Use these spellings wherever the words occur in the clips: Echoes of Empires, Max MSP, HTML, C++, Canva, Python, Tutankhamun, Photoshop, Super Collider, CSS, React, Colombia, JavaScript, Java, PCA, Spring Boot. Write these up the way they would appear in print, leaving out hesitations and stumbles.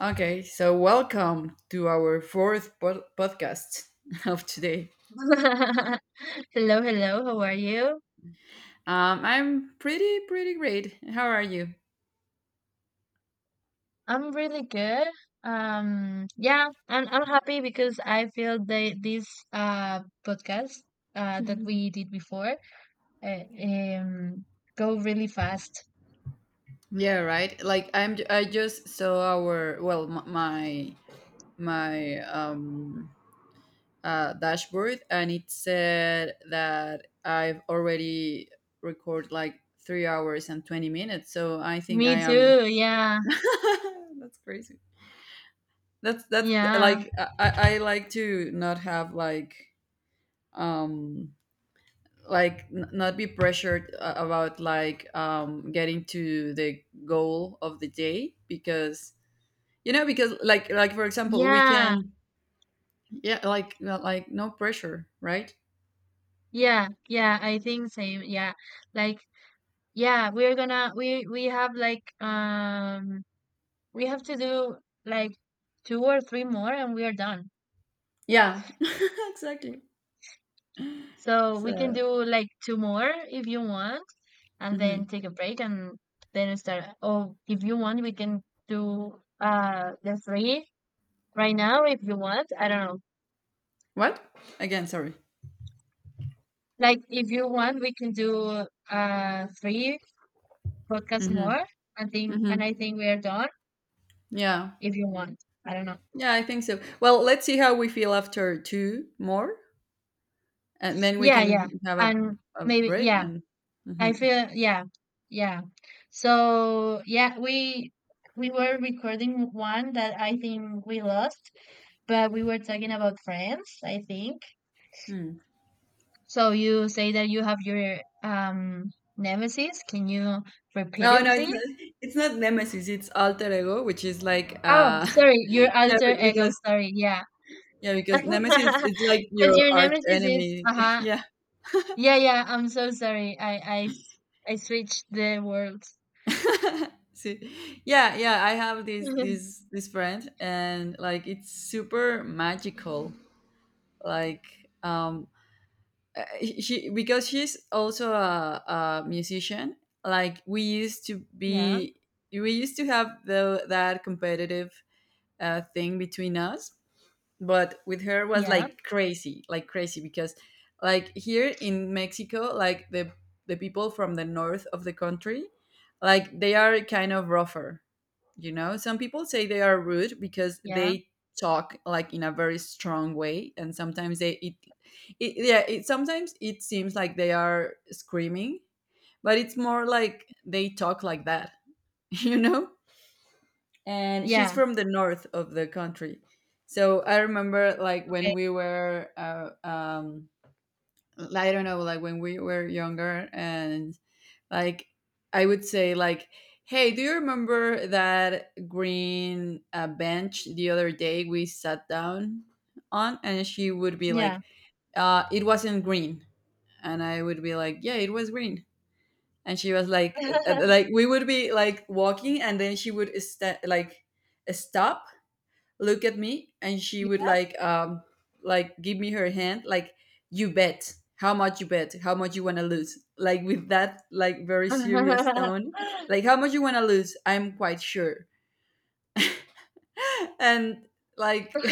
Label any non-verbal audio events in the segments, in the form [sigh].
Okay, so welcome to our fourth podcast [laughs] of today. [laughs] Hello, hello. How are you? I'm pretty great. How are you? I'm really good. Yeah, and I'm happy because I feel the this uh podcast that we did before uh, um go really fast. Yeah, right. Like I just saw our well, my dashboard, and it said that I've already recorded like 3 hours and 20 minutes. So I think I Me am. too. Yeah, [laughs] That's crazy. That's yeah, like, I like to not have like, um like not be pressured, about like getting to the goal of the day, because because like for example we yeah, can. Yeah, like, like no pressure, right. yeah, yeah. I think same. Yeah, like, yeah, we have like we have to do like two or three more, and we are done. Yeah. [laughs] Exactly. So we can So, do like two more if you want, and then mhm. take a break and then start. Oh, if you want, we can do the three right now if you want. I don't know. What? Again? Sorry? Like, if you want, we can do three podcasts Hmm. more, I think, Hmm. and I think we are done Yeah. if you want. I don't know. Yeah, I think so. Well, let's see how we feel after two more, and then we Yeah, yeah, can have a, and a maybe, break yeah. and. I Mhm. feel, yeah, yeah. So yeah, we were recording one that I think we lost, but we were talking about friends, I think. Hmm. So you say that you have your nemesis. Can you repeat No, it, no, it's please? not, it's not Nemesis. It's alter ego, which is like, Oh, sorry, your [laughs] yeah, alter ego. because Sorry, yeah. yeah, [laughs] because Nemesis is like your Because your arch nemesis is uh enemy. [laughs] huh. Yeah. Yeah, yeah. I'm so sorry. I switched the words. [laughs] See, yeah, yeah. I have this [laughs] this this friend, and like it's super magical. Like, um, uh, she because she's also a musician. Like, Yeah, we used to have the that competitive, thing between us, but with her was yeah, like crazy, like crazy, because like here in Mexico, like the people from the north of the country, like they are kind of rougher. You know, some people say they are rude because yeah, they talk like in a very strong way, and sometimes they it, it yeah it sometimes it seems like they are screaming, but it's more like they talk like that. [laughs] You know, and she's yeah. from the north of the country. So I remember like Okay, when I don't know, like when we were younger, and like I would say like, hey, do you remember that green, bench the other day we sat down on? And she would be like, yeah. It wasn't green. And I would be like, yeah, it was green. And she was [laughs] like we would be like walking, and then she would like stop, look at me, and she would like give me her hand, like, you bet how much, you bet how much you want to lose, like with that like very serious tone, like how much you want to lose, I'm quite sure. [laughs] And like,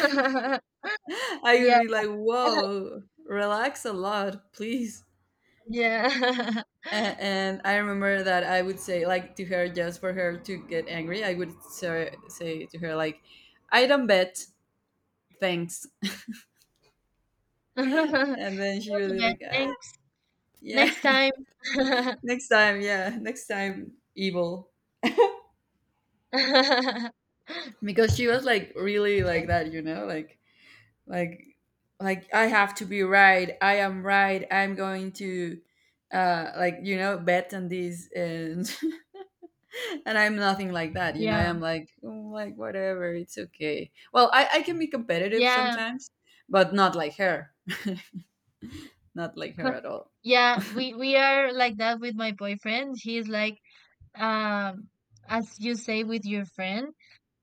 [laughs] I would Yeah, be [laughs] like, whoa, relax a lot, please. yeah. And I remember that I would say like to her, just for her to get angry, I would say to her like, I don't bet, thanks. Go And then she would to be bed. like, [laughs] ah, Thanks. yeah. Next [laughs] time. Next time, yeah, next time, evil. [laughs] Because she was like really like that, you know, like, like I have to be right. I am right. I'm going to, like, bet on this, and [laughs] and I'm nothing like that, you know, Yeah. I'm Yeah. like, oh, like whatever, it's okay, well I can be competitive Yeah. sometimes, but not like her. [laughs] Not like her at [laughs] all. Yeah, we are like that with my boyfriend. He's like um as you say with your friend,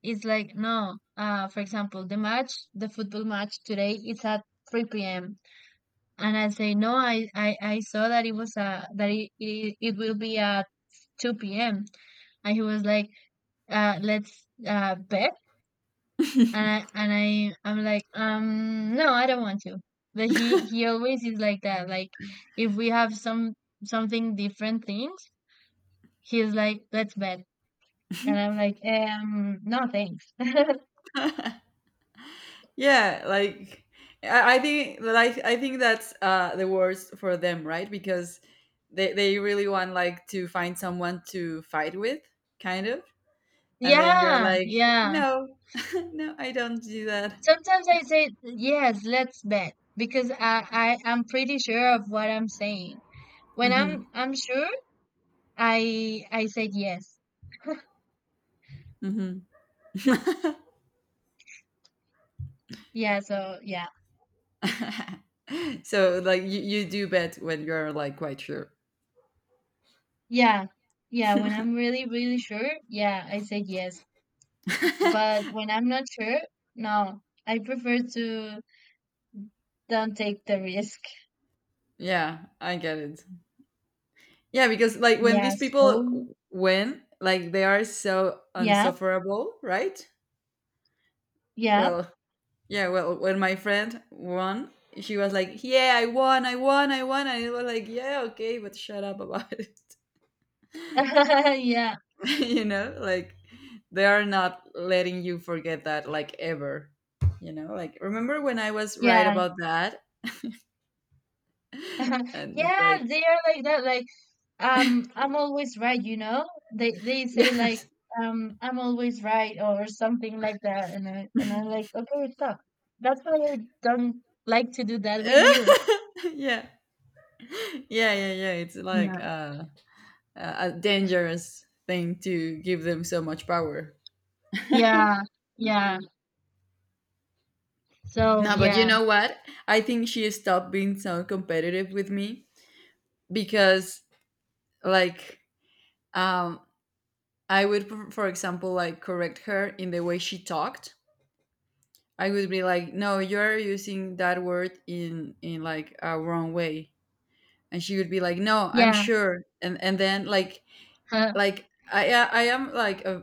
it's like, no, for example, the football match today is at 3 p.m., and I say, no, I saw that it was that it will be at 2 p.m. And he was like, let's bet. And I'm like, no, I don't want to. But he always is like that. Like, if we have something different things, he's like, let's bet. And I'm like, no thanks. [laughs] Yeah, like I think that, I think that's, the worst for them, right? Because they really want like to find someone to fight with, kind of, and then you're Yeah, like, yeah. no, [laughs] no, I don't do that. Sometimes I say yes, let's bet, because I'm pretty sure of what I'm saying. When Hmm. I'm sure, I said yes. Hmm. [laughs] Yeah. So yeah, So like, you do bet when you're like quite sure. yeah, yeah. When I'm really, really sure, yeah, I said yes. [laughs] But when I'm not sure, no, I prefer to don't take the risk. Yeah, I get it. Yeah, because like when Yeah, these so people win, like they are so yeah, unsufferable, right? yeah. Well, yeah, well, when my friend won, she was like, yeah, I won, I won, I won, and it was like, yeah, okay, but shut up about it. [laughs] Yeah. [laughs] You know, like they are not letting you forget that, like ever. You know, like remember when I was right Yeah. about that, [laughs] and it's Yeah, like, they are like that. Like, I'm always right, you know? They [laughs] say like, yes, I'm always right or something like that. And I'm like, okay, stop. That's why I don't like to do that with you. [laughs] yeah, yeah, yeah, yeah. It's like, Yeah. A dangerous thing to give them so much power. Yeah. Yeah. So No, but you yeah. know what? I think she stopped being so competitive with me because like, um I would for example like correct her in the way she talked. I would be like, no, you're using that word in like a wrong way. And she would be like, no, I'm Yeah. sure. And then like [laughs] like I am like a,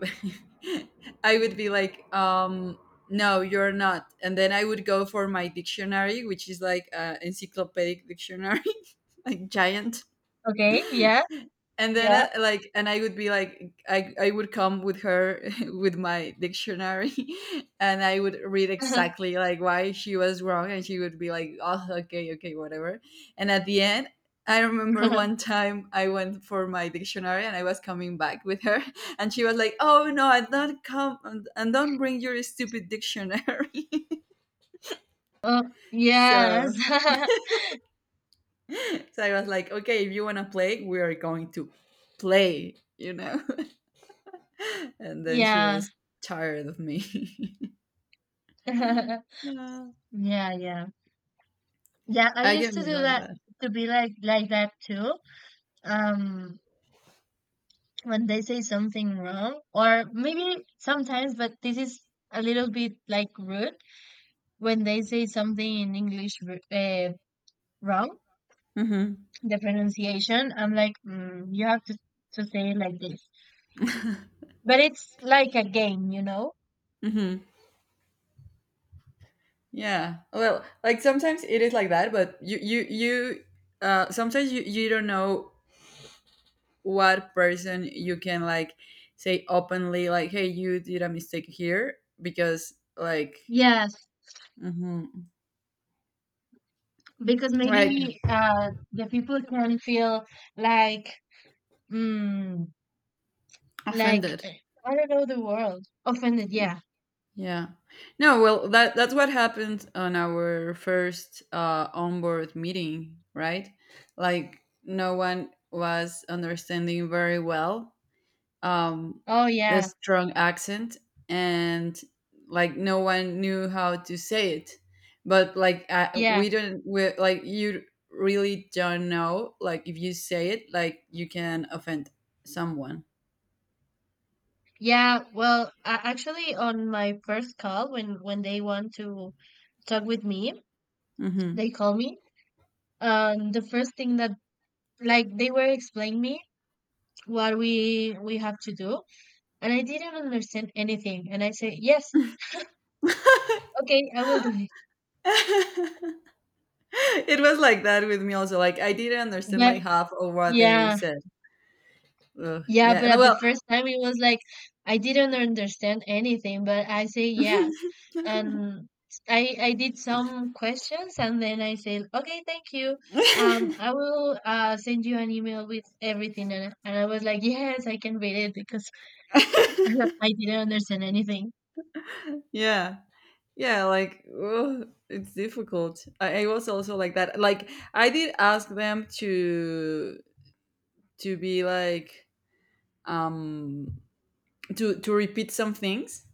[laughs] I would be like, um, no, you're not. And then I would go for my dictionary, which is like a encyclopedic dictionary, [laughs] like, giant. Okay. Yeah. And then, Yeah. Like, and I would be like I would come with her [laughs] with my dictionary [laughs] and I would read [laughs] exactly like why she was wrong, and she would be like, oh, okay, okay, whatever. And at the end, I remember one [laughs] time I went for my dictionary, and I was coming back with her [laughs] and she was like, oh no, and don't come, and don't bring your stupid dictionary. Oh, [laughs] yes. so [laughs] so I was like, okay, if you want to play, we are going to play, you know. [laughs] [laughs] And then she Yeah. was tired of me. [laughs] [laughs] Uh, Yeah, yeah. Yeah, I I used get to me do like that, that. to be like that too. Um, when they say something wrong, or maybe sometimes, but this is a little bit like rude, when they say something in English uh, wrong, Mm-hmm. the pronunciation, I'm like, mm, you have to say it like this. But it's like a game, you know? [laughs] Mm-hmm. Yeah. Well, like sometimes it is like that, but you, sometimes you don't know what person you can like say openly like, hey, you did a mistake here because like. Yeah, Mm-hmm. because Like, maybe the people can feel like, mm, like, offended. I don't know the world offended, Yeah. yeah. Yeah. No, well, that's what happened on our first, onboard meeting, right? Like no one was understanding very well, um Oh, the yeah. strong accent, and like no one knew how to say it. But like, I, Yeah, we don't we like you really don't know like if you say it like you can offend someone. yeah. Well, actually, on my first call, when they want to talk with me, Mhm. they call me. The first thing that, like, they were explaining me what we have to do, and I didn't understand anything, and I say yes, okay, I will do it. [laughs] [laughs] It was like that with me also, like I didn't understand But, like half of what they yeah. said. Ugh, Yeah, yeah, but and at the well, first time it was like I didn't understand anything, but I say yes. [laughs] And I did some questions, and then I said, "Okay, thank you. I will send you an email with everything." And I was like, "Yes, I can read it, because [laughs] I didn't understand anything." yeah, yeah, like, ugh, it's difficult. I was also like that, like I did ask them to be like, um to repeat some things,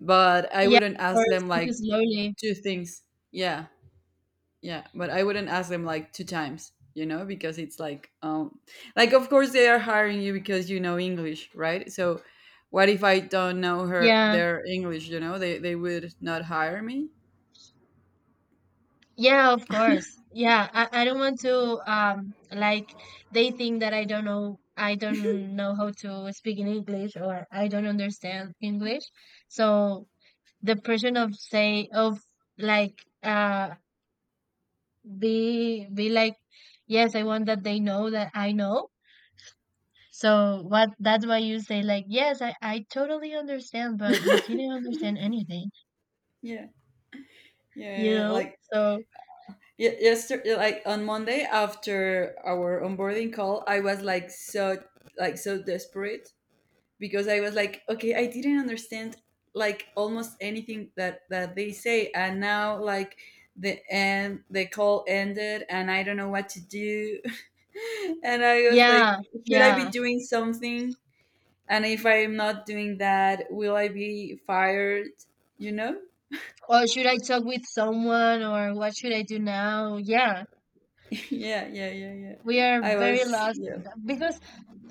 but I Yeah, wouldn't or ask them speak like slowly. two things, yeah. Yeah, but I wouldn't ask them like two times, you know, because it's like, like, of course they are hiring you because you know English, right? So, what if I don't know her Yeah. their English? You know, they would not hire me. Yeah, of course. Yeah, I don't want to like, they think that I don't know how to speak in English, or I don't understand English. So the person of say of like be like, yes, I want that they know that I know. So what, that's why you say like yes, I totally understand, but you didn't understand anything, Yeah, you yeah, yeah, know? like So yesterday, like on Monday after our onboarding call, I was like, so desperate, because I was like, okay, I didn't understand like almost anything that they say, and now like, the call ended, and I don't know what to do, [laughs] and I was yeah, like, should I be yeah. doing something? And if I am not doing that, will I be fired? You know? Or should I talk with someone, or what should I do now? Yeah, [laughs] Yeah, yeah, yeah, yeah. we are I very was, lost, yeah, because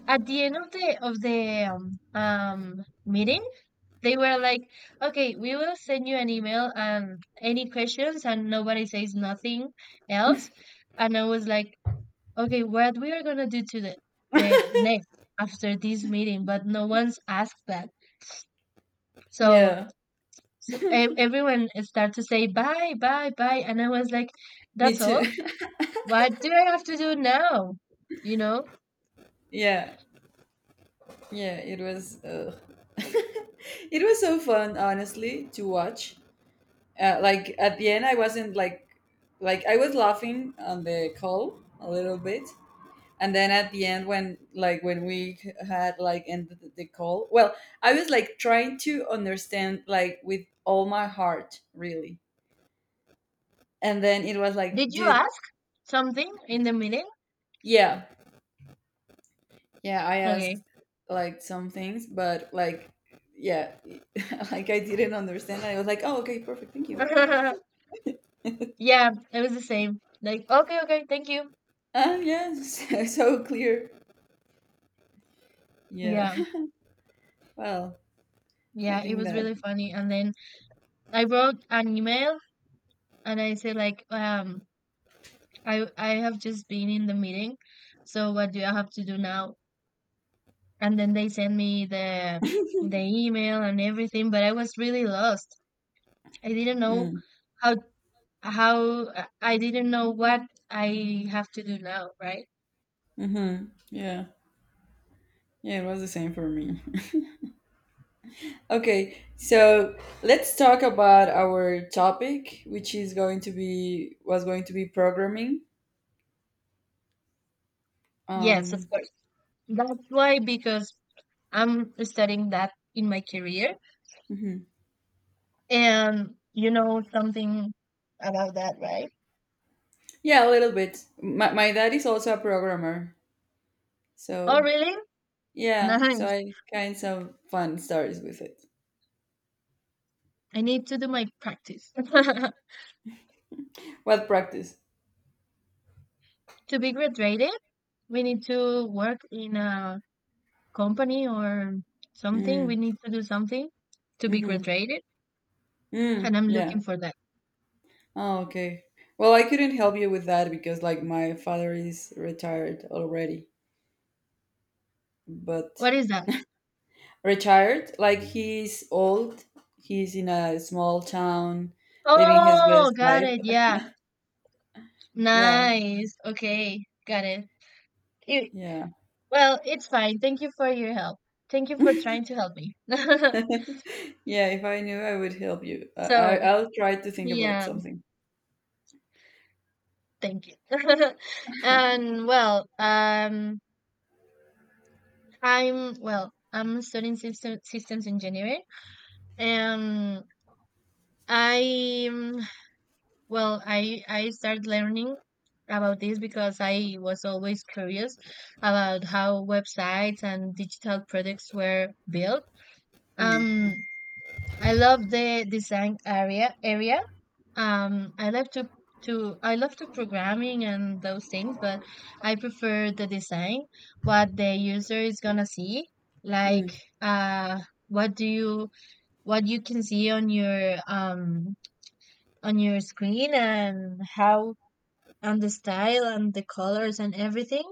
at the end of the meeting, they were like, "Okay, we will send you an email, and any questions," and nobody says nothing else. And I was like, "Okay, what we are gonna do to the [laughs] next after this meeting?" But no one's asked that, so. yeah. So everyone started to say bye, bye, bye, and I was like, Me "That's too. all." What do I have to do now? You know? [laughs] Yeah, yeah. It was. [laughs] It was so fun, honestly, to watch. Like at the end I wasn't like, I was laughing on the call a little bit, and then at the end, when we had like ended the call, well, I was like trying to understand like with all my heart, really. And then it was like, Did you dude, ask something in the meeting? yeah, yeah, I asked Okay. like some things, but like, yeah. [laughs] Like, I didn't understand, I was like, oh, okay, perfect, thank you. [laughs] Yeah, it was the same. Like, okay, okay, thank you. Ah, yeah. [laughs] So clear. Yeah. Yeah, [laughs] Well, I yeah, it think was that. really funny. And then I wrote an email, and I said like, I have just been in the meeting, so what do I have to do now? And then they sent me the email and everything, but I was really lost. I didn't know Mm, how I didn't know what I have to do now, right? mm-hmm. Yeah. Yeah, it was the same for me. [laughs] Okay, so let's talk about our topic, which is going to be was going to be programming. Yes, of Um, course. That's why, because I'm studying that in my career, mhm. and you know something about that, right? Yeah, a little bit. My dad is also a programmer, Oh, so really? yeah, so Nice. I kind of fun stories with it. I need to do my practice. [laughs] What practice? To be graduated, we need to work in a company or something. We Mm, need to do something to be mm-hmm. graduated, Mm, and I'm looking yeah. for that. Oh, okay. Well, I couldn't help you with that because like my father is retired already, but What is that? retired. Like he's old. He's in a small town, living his Oh, best got life. it. Yeah. Yeah, Nice. Okay. Got it. You, yeah, well, it's fine. Thank you for your help. Thank you for trying to help me. [laughs] [laughs] yeah. If I knew, I would help you. I, I So, I'll try to think about yeah, something. thank you. [laughs] And well, I'm studying systems engineering. Um, I well, I started learning about this because I was always curious about how websites and digital products were built. Mm, Um, I love the design area. I love to programming and those things, but I prefer the design, what the user is gonna see, like, mm, uh what do you what you can see on your screen, and how, and the style and the colors and everything.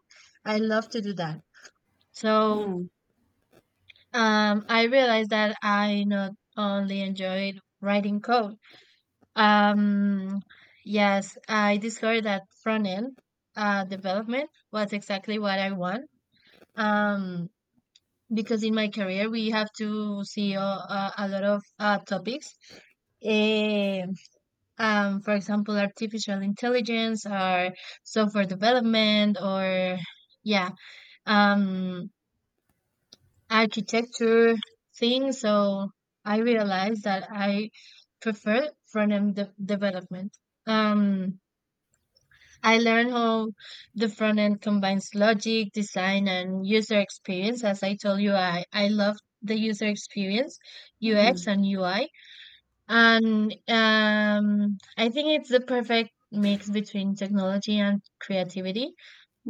I love to do that. So mm, I realized that I not only enjoyed writing code. Um, yes, I discovered that front end development was exactly what I want. Um, because in my career, we have to see a lot of topics. Eh, for example, artificial intelligence, or software development, or, yeah, um, architecture things. So I realized that I prefer front end de development. Um, I learned how the front end combines logic, design, and user experience. As I told you, I love the user experience, UX mhm, and UI. And I think it's the perfect mix between technology and creativity.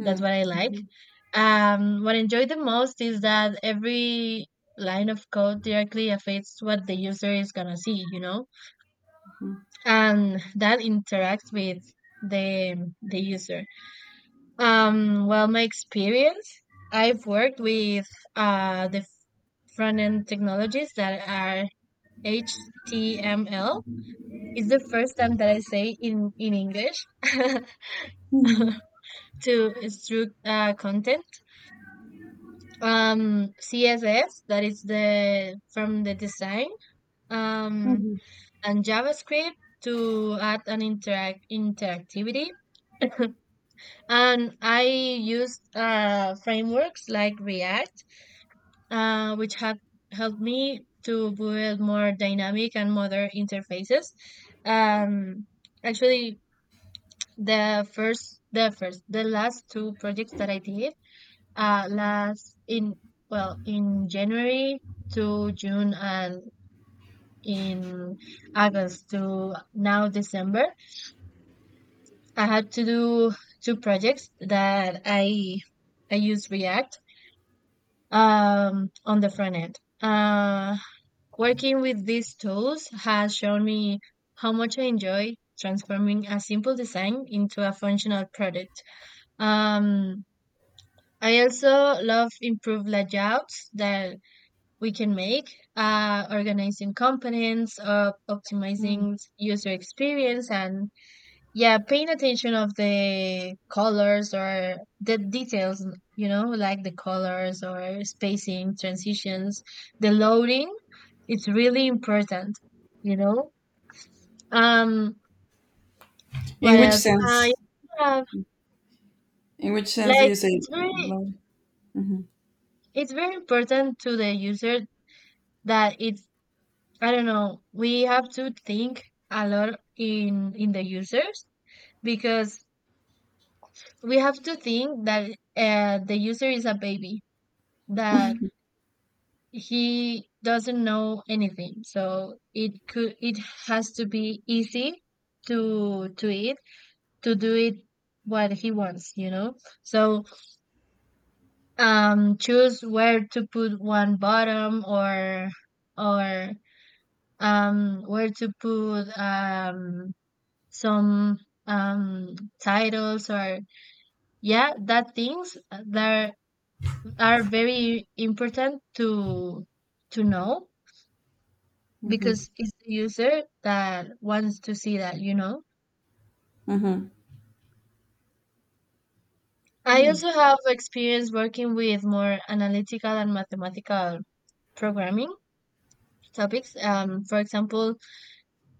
That's what I like. mhm, What I enjoy the most is that every line of code directly affects what the user is gonna see, mhm, and that interacts with the user. Well, my experience, I've worked with the front end technologies that are HTML. It's the first time that I say in English [laughs] to mhm, extrude content. CSS, that is the from the design. Um, mhm, and JavaScript to add an interactivity. And I used frameworks like React, which have helped me to build more dynamic and modern interfaces. Um, Actually, the last two projects that I did, last in, well, in January to June, and in August to now December, I had to do two projects that I use React on the front end. Working with these tools has shown me how much I enjoy transforming a simple design into a functional product. Um, I also love improved layouts that we can make, organizing components, or mhm. optimizing user experience, and, yeah, paying attention of the colors or the details. You know, like the colors or spacing, transitions, the loading, it's really important, you know. Um, what In which else? I sense? Uh, In which yeah, sense do like, you say blood? it's very important to the user, that it's, I don't know, we have to think a lot in the users, because we have to think that the user is a baby, that he doesn't know anything. So it could, it has to be easy to it, to do it what he wants, you know? So choose where to put one bottom, or where to put, some, um titles, or, yeah, that things that are very important to know, Hmm. because it's the user that wants to see that, you know. Hmm. I also have experience working with more analytical and mathematical programming topics. For example,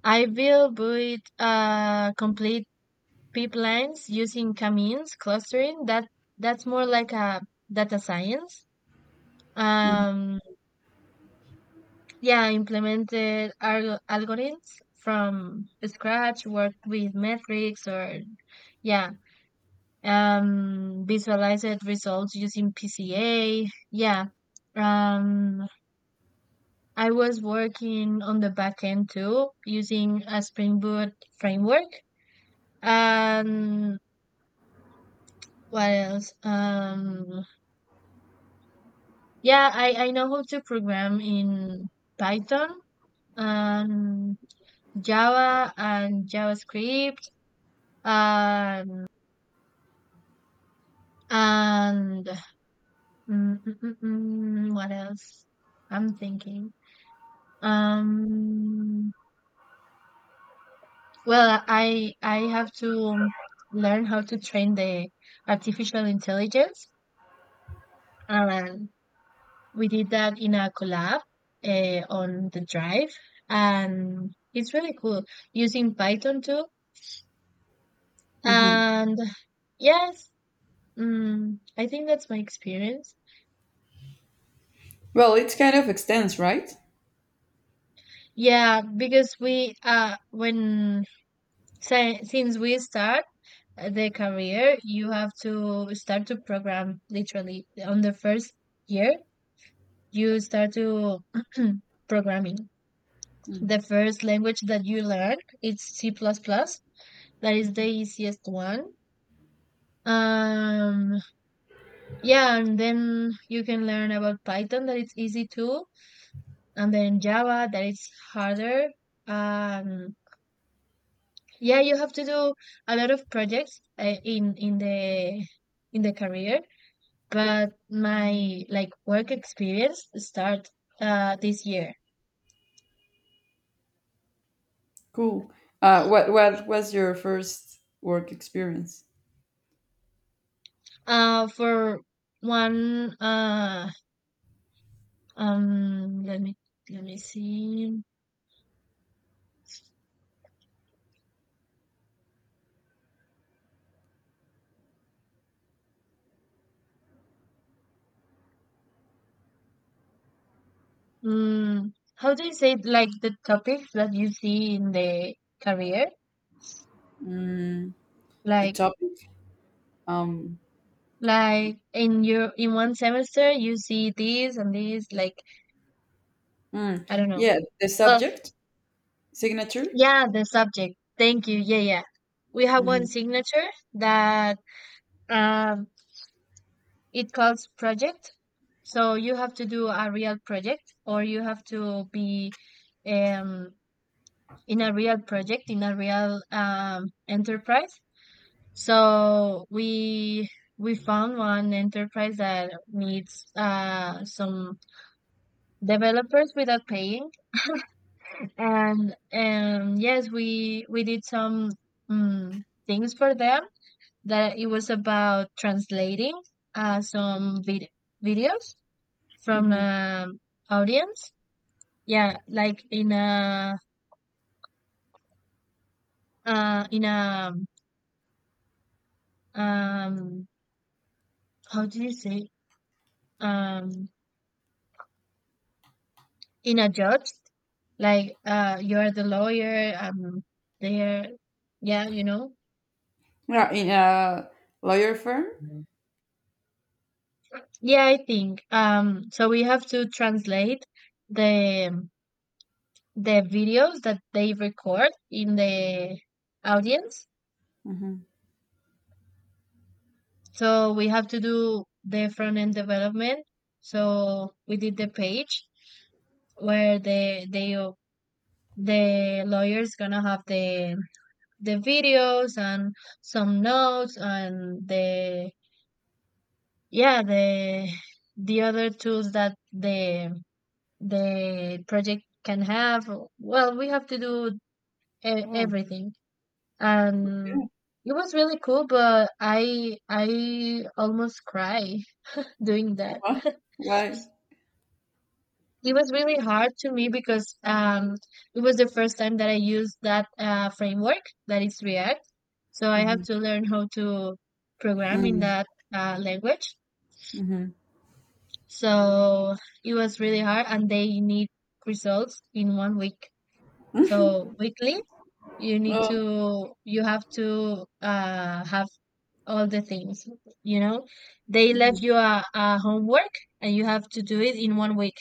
I will build complete pipelines using Kamins clustering. That's more like a data science. Um, yeah, I implemented algorithms from scratch. Worked with metrics or yeah, visualized results using PCA. Yeah. Um, I was working on the back end too using a Spring Boot framework. Um, what else? Yeah, I know how to program in Python and Java and JavaScript. Um, and what else? I'm thinking. Um, well, I have to learn how to train the artificial intelligence. And we did that in a collab, on the drive, and it's really cool using Python too, Hmm. and yes, I think that's my experience. Well, it's kind of extends, right? Yeah, because we, when, since we start the career, you have to start to program literally on the first year. You start to [clears throat] programming. The first language that you learn, it's C++. That is the easiest one. Um, yeah, and then you can learn about Python, that it's easy too, and then Java, that it's harder. Um, yeah, you have to do a lot of projects, in the career, but my like work experience start this year. Cool. What was your first work experience? For one, um, let me let me see. How do you say it, like the topics that you see in the career? Mm, the Like, topic. Um, in one semester you see this and this, like, mm, I don't know. yeah, the Well, subject signature. yeah, the subject. Thank you. Yeah, yeah. We have one Mm-hmm. signature that um it calls project. So you have to do a real project, or you have to be um in a real project in a real enterprise. So we found one enterprise that needs, some developers without paying, and yes, we did some, things for them that it was about translating, some, videos from, Mm-hmm. Audience. Yeah, like in a, uh in a um how do you say, um in a judge, like, you're the lawyer, there, yeah you know. Yeah, in a lawyer firm. Yeah, I think, so we have to translate the videos that they record in the audience. Mm-hmm. So we have to do the front end development. So we did the page where the lawyer's gonna have the videos and some notes, and the yeah, the other tools that the project can have. Well, we have to do Oh, everything. yeah. And it was really cool, but I almost cry [laughs] doing that. Why? Why? It was really hard to me, because it was the first time that I used that, framework that is React. So I have Mm-hmm. to learn how to program in Mm-hmm. that, language. So it was really hard, and they need results in 1 week. So Mm-hmm. [laughs] weekly, Oh, you have to, have all the things, you know. They left mm-hmm. you a homework, and you have to do it in 1 week,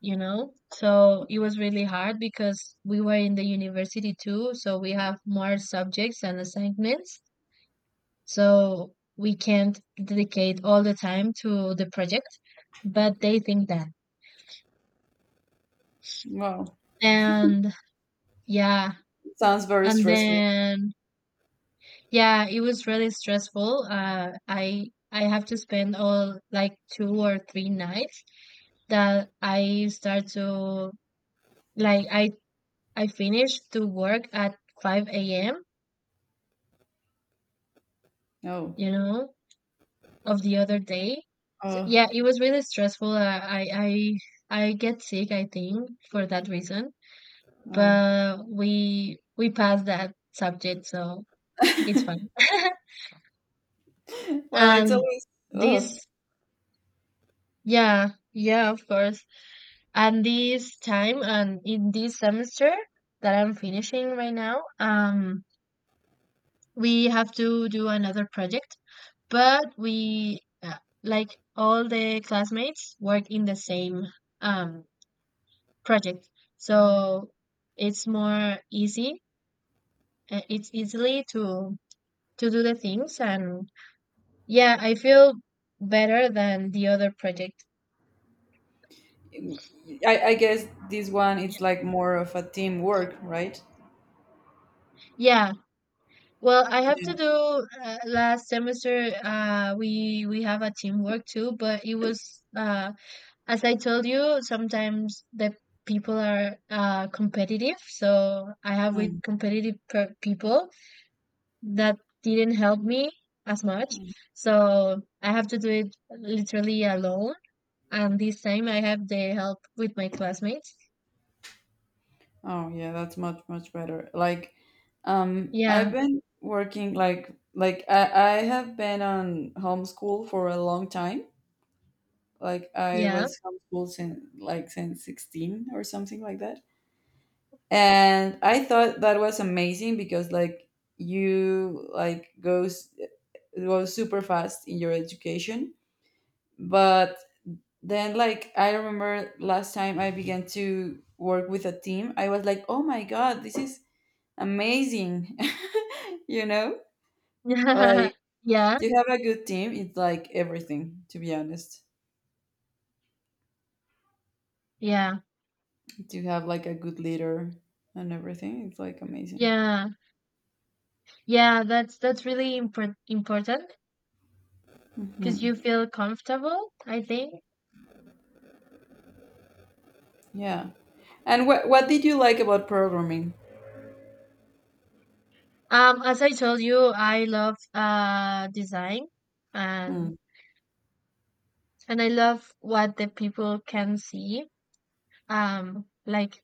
So it was really hard, because we were in the university too, so we have more subjects and assignments. So we can't dedicate all the time to the project, but they think that. Wow. And Yeah, Sounds very and stressful. then yeah, it was really stressful. I have to spend all, like, 2 or 3 nights that I start to, like, I finish to work at 5 a.m., Oh, you know, of the other day. So, oh, yeah, it was really stressful. I get sick, I think, for that reason. oh. But we passed that subject, so it's [laughs] fine. [laughs] Well, it's And always. Oh, this Yeah, yeah, of course. And this time, and in this semester that I'm finishing right now, we have to do another project, but we, like all the classmates work in the same, um project, so it's more easy. It's easily to do the things, and yeah, I feel better than the other project. I guess this one it's like more of a teamwork, right? Yeah, well, I have to Yeah. do, last semester. We have a teamwork too, but it was, as I told you, sometimes the people are, competitive. So I have with Mm. competitive people that didn't help me as much. So I have to do it literally alone. And this time I have the help with my classmates. Oh yeah, that's much, much better. Like, I've Yeah, been working like, I have been on homeschool for a long time. Like I yeah, was homeschooled since 16 or something like that. And I thought that was amazing because like you like goes it was super fast in your education. But then like I remember last time I began to work with a team, I was like, oh my god, this is amazing. [laughs] you know [laughs] like yeah, to have a good team, it's like everything, to be honest. yeah, To have like a good leader and everything, it's like amazing. yeah. Yeah, that's really important, because you Hmm. feel comfortable, I think. Yeah. And what did you like about programming? As I told you, I love, design, and Hmm. and I love what the people can see. Like,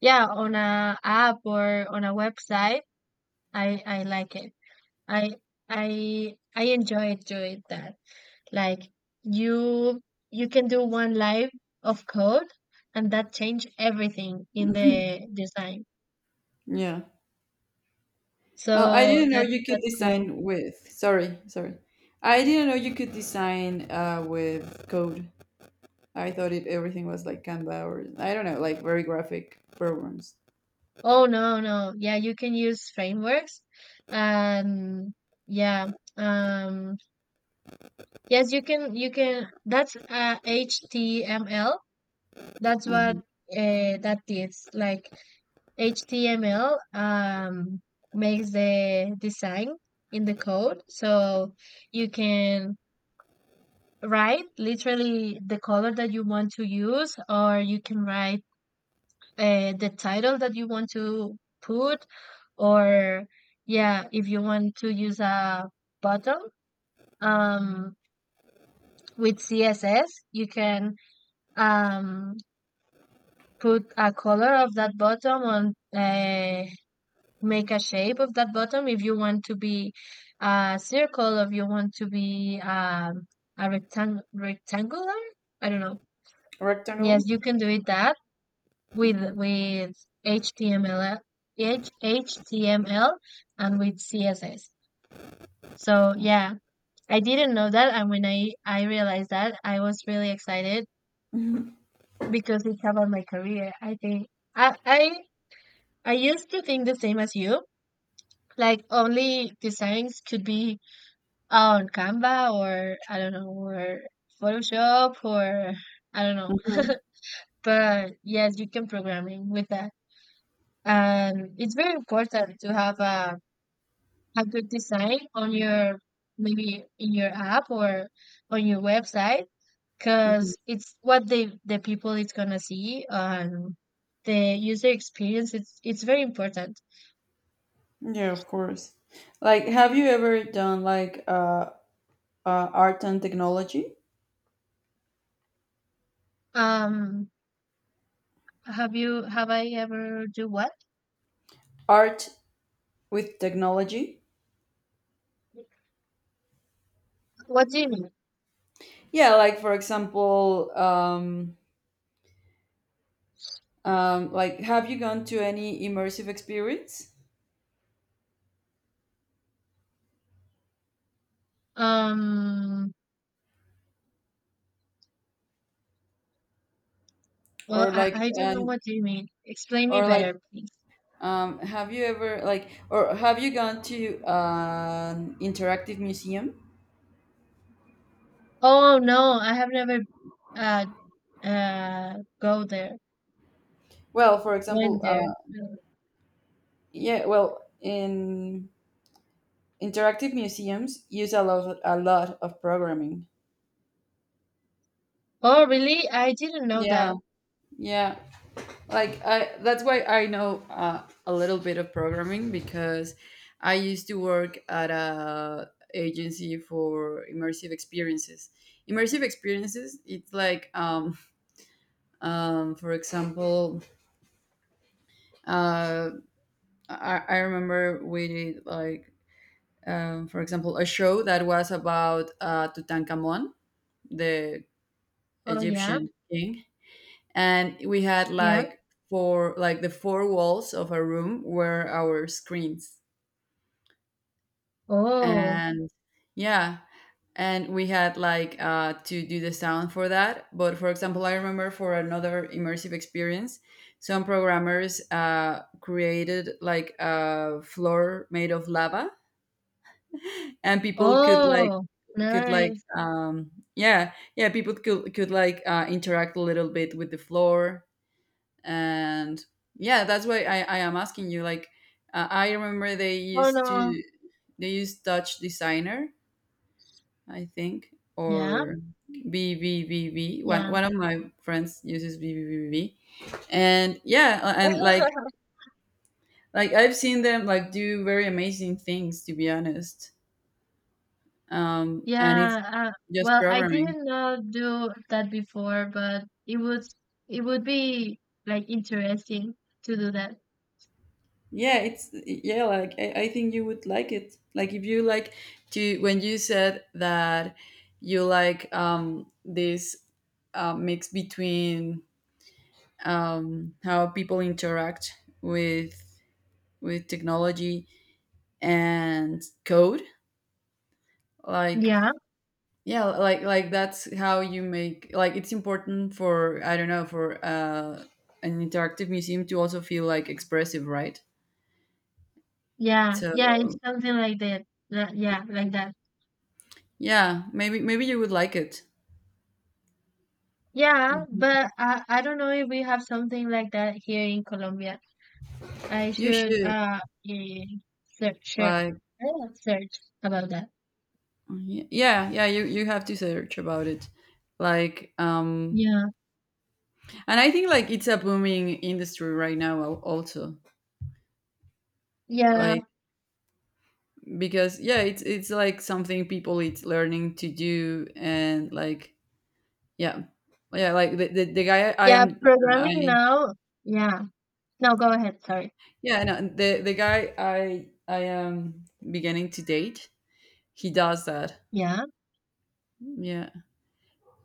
yeah, on a app or on a website, I like it. I I enjoy doing that. Like, you you can do one line of code, and that change everything in [laughs] the design. Yeah, well, I So didn't know that's you could that's cool. design with. Sorry, sorry, I didn't know you could design, with code. I thought it, everything was like Canva, or I don't know, like very graphic programs. Oh no, no. Yeah, you can use frameworks. Um yeah. Um yes, you can, that's, HTML. That's what, Hmm. That is. Like, HTML, makes the design in the code. So you can write literally the color that you want to use, or you can write, the title that you want to put, or yeah, if you want to use a button, um, with CSS, you can, um, put a color of that bottom on, make a shape of that bottom, if you want to be a circle, if you want to be, a rectangular. I don't know. Yes, Rectangle. you can do it that with Hmm. with HTML, HTML, and with CSS. So yeah, I didn't know that, and when I realized that, I was really excited, [laughs] because it's about my career. I think I I I used to think the same as you, like only designs could be on Canva, or I don't know, or Photoshop, or I don't know. [laughs] Mm-hmm. But yes, you can programming with that, and it's very important to have a good design on your, maybe in your app, or on your website, Hmm. because it's what the people is gonna see, and the user experience it's very important. Yeah, of course. Like, have you ever done like art and technology? um have I ever do what? Art with technology? What do you mean Yeah, like for example, like have you gone to any immersive experience, um well, or i like, i don't know and, what do you mean, explain me or like, better, please. Have you ever like, or have you gone to, an interactive museum? Oh no, I have never, uh go there. Well, for Went example, there. Yeah, well, in interactive museums use a lot of programming. Oh, really? I didn't know Yeah, that. yeah. Like I, that's why I know a little bit of programming, because I used to work at a agency for immersive experiences. Immersive experiences, it's like [laughs] for example, uh I remember we did like, for example, a show that was about Tutankhamun, the Oh yeah, Egyptian king, and we had yeah. like four, like the four walls of our room were our screens, Oh, and yeah, and we had like, to do the sound for that. But for example, I remember for another immersive experience, some programmers created like a floor made of lava, and people could like, oh, could like nice. um yeah, yeah, people could, like, interact a little bit with the floor. And yeah, that's why I am asking you, like, I remember they Oh used no. to, they used Dutch designer, I think, yeah or BVVV. one, Yeah. one of my friends uses BVVV, and yeah, and like [laughs] like I've seen them like do very amazing things, to be honest. Um, and it's Yeah, uh, just well, I programming. didn't know do that before, but it would be, like, interesting to do that. Yeah, it's, yeah, like I think you would like it, like if you like to, when you said that you like, um, this, mix between, um, how people interact with, technology and code. Like, Yeah, yeah, like that's how you make like, it's important for, I don't know, for an interactive museum to also feel like expressive, right? yeah, So yeah. It's something like that. Yeah, like that. yeah, maybe you would like it. Yeah, but I don't know if we have something like that here in Colombia. I You should, should, eh, search share- like, search about that. Yeah, you have to search about it. Like, Yeah, and I think like it's a booming industry right now, also. yeah, Like because yeah, it's like something people, it's learning to do, and like, yeah. Yeah, like the guy I yeah. am, Programming I, now. Yeah. No, go ahead. Sorry. yeah, no, the guy I am beginning to date, he does that. Yeah. Yeah.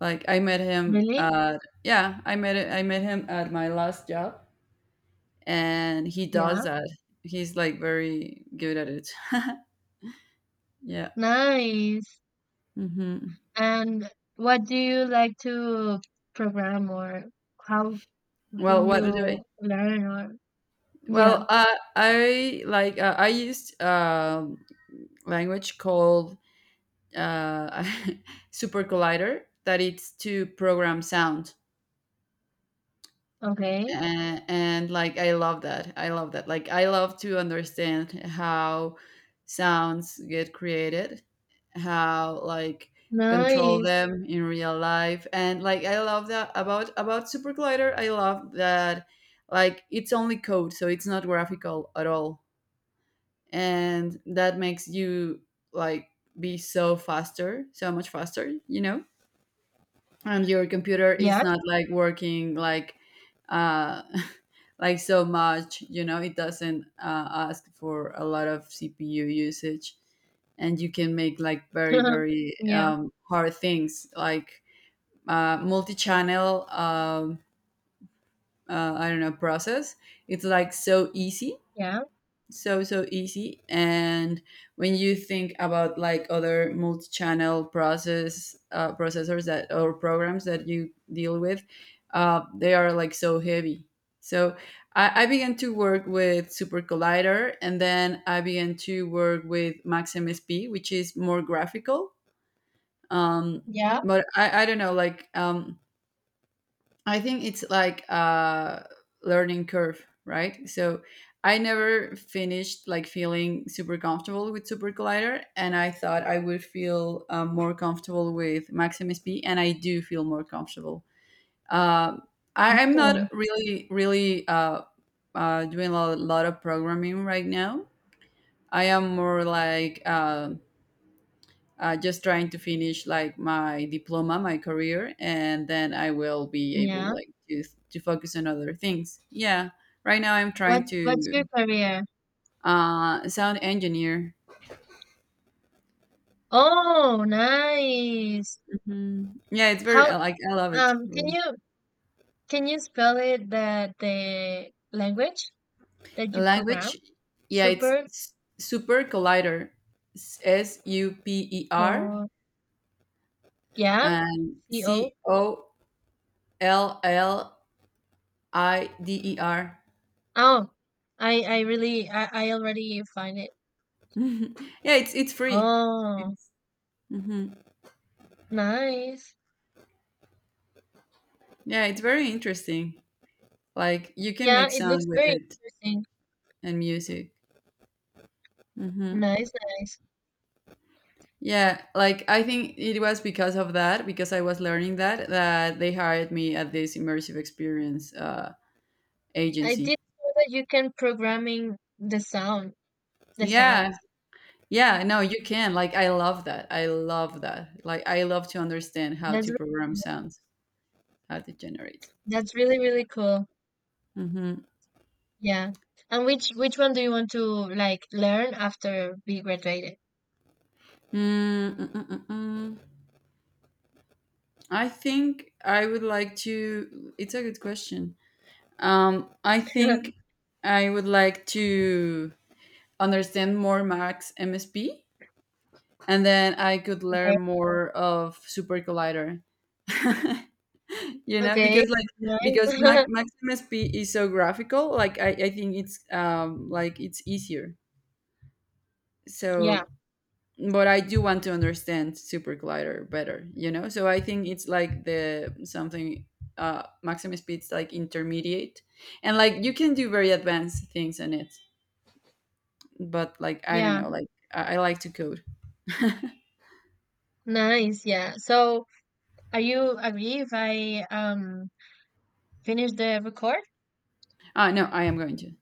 Like I met him Really? at, yeah, I met, him at my last job, and he Yeah, does that. He's like very good at it. [laughs] Yeah. nice. Hmm. And what do you like to program, or how do Well, what do I? you learn, or yeah, Well, I like, I used language called, uh, [laughs] Super Collider, that it's to program sound. okay. And Like I love that, I love that, like I love to understand how sounds get created, how like control Nice. them in real life, and like I love that about, Super Glider. I love that, like it's only code, so it's not graphical at all, and that makes you like be so faster, so much faster, you know. And your computer is Yes. not like working like, uh like so much, you know. It doesn't ask for a lot of CPU usage, and you can make like very, [laughs] very, Yeah, hard things, like multi-channel, I don't know, process. It's like so easy, yeah, so, easy. And when you think about like other multi-channel process, processors, that or programs that you deal with, they are like so heavy. So I began to work with Super Collider, and then I began to work with Max MSP, which is more graphical, um, yeah. but I don't know, like, I think it's like a learning curve, right? So I never finished like feeling super comfortable with Super Collider, and I thought I would feel more comfortable with Maximus P, and I do feel more comfortable. Um I'm not Oh, really, really, doing a lot of programming right now. I am more like, just trying to finish like my diploma, my career, and then I will be yeah. able like to focus on other things. Yeah, right now I'm trying What's your to, career? Sound engineer. Oh, nice. Mhm. Yeah, it's very, How, I like, I love it. Can Really. you, spell it, the language that The you program? language, yeah, it's Super Super Collider. Super co, yeah. and CO. Collider. Oh, I really, I already find it. [laughs] Yeah, it's free. Oh, It's, mhm. nice. Yeah, it's very interesting. Like you can Yeah, make it looks sound with very it interesting. and music. Hmm. Nice, nice. Yeah, like I think it was because of that, because I was learning that, that they hired me at this immersive experience I didn't agency. know that you can programming the sound, the Yeah, sounds. yeah, no, you can. Like I love that. I love that. Like I love to understand how That's to program really, sounds, how to generate. that's really really cool. Mm-hmm. Yeah. And which one do you want to, like, learn after be graduated? Mm, mm, mm, mm, mm. I think I would like to. It's a good question. I think [laughs] I would like to understand more Max MSP, and then I could Okay. learn more of Super Collider. [laughs] You know, Okay. because like, Nice. because [laughs] Max MSP is so graphical. Like I think it's like it's easier. Yeah. So, but I do want to understand Super Collider better. You know, so I think it's like the something, Max MSP. It's like intermediate, and like you can do very advanced things on it, but like I don't Yeah. know, like I like to code. [laughs] Nice. Yeah. So, are you agree if I, finish the record? Ah no, I am going to.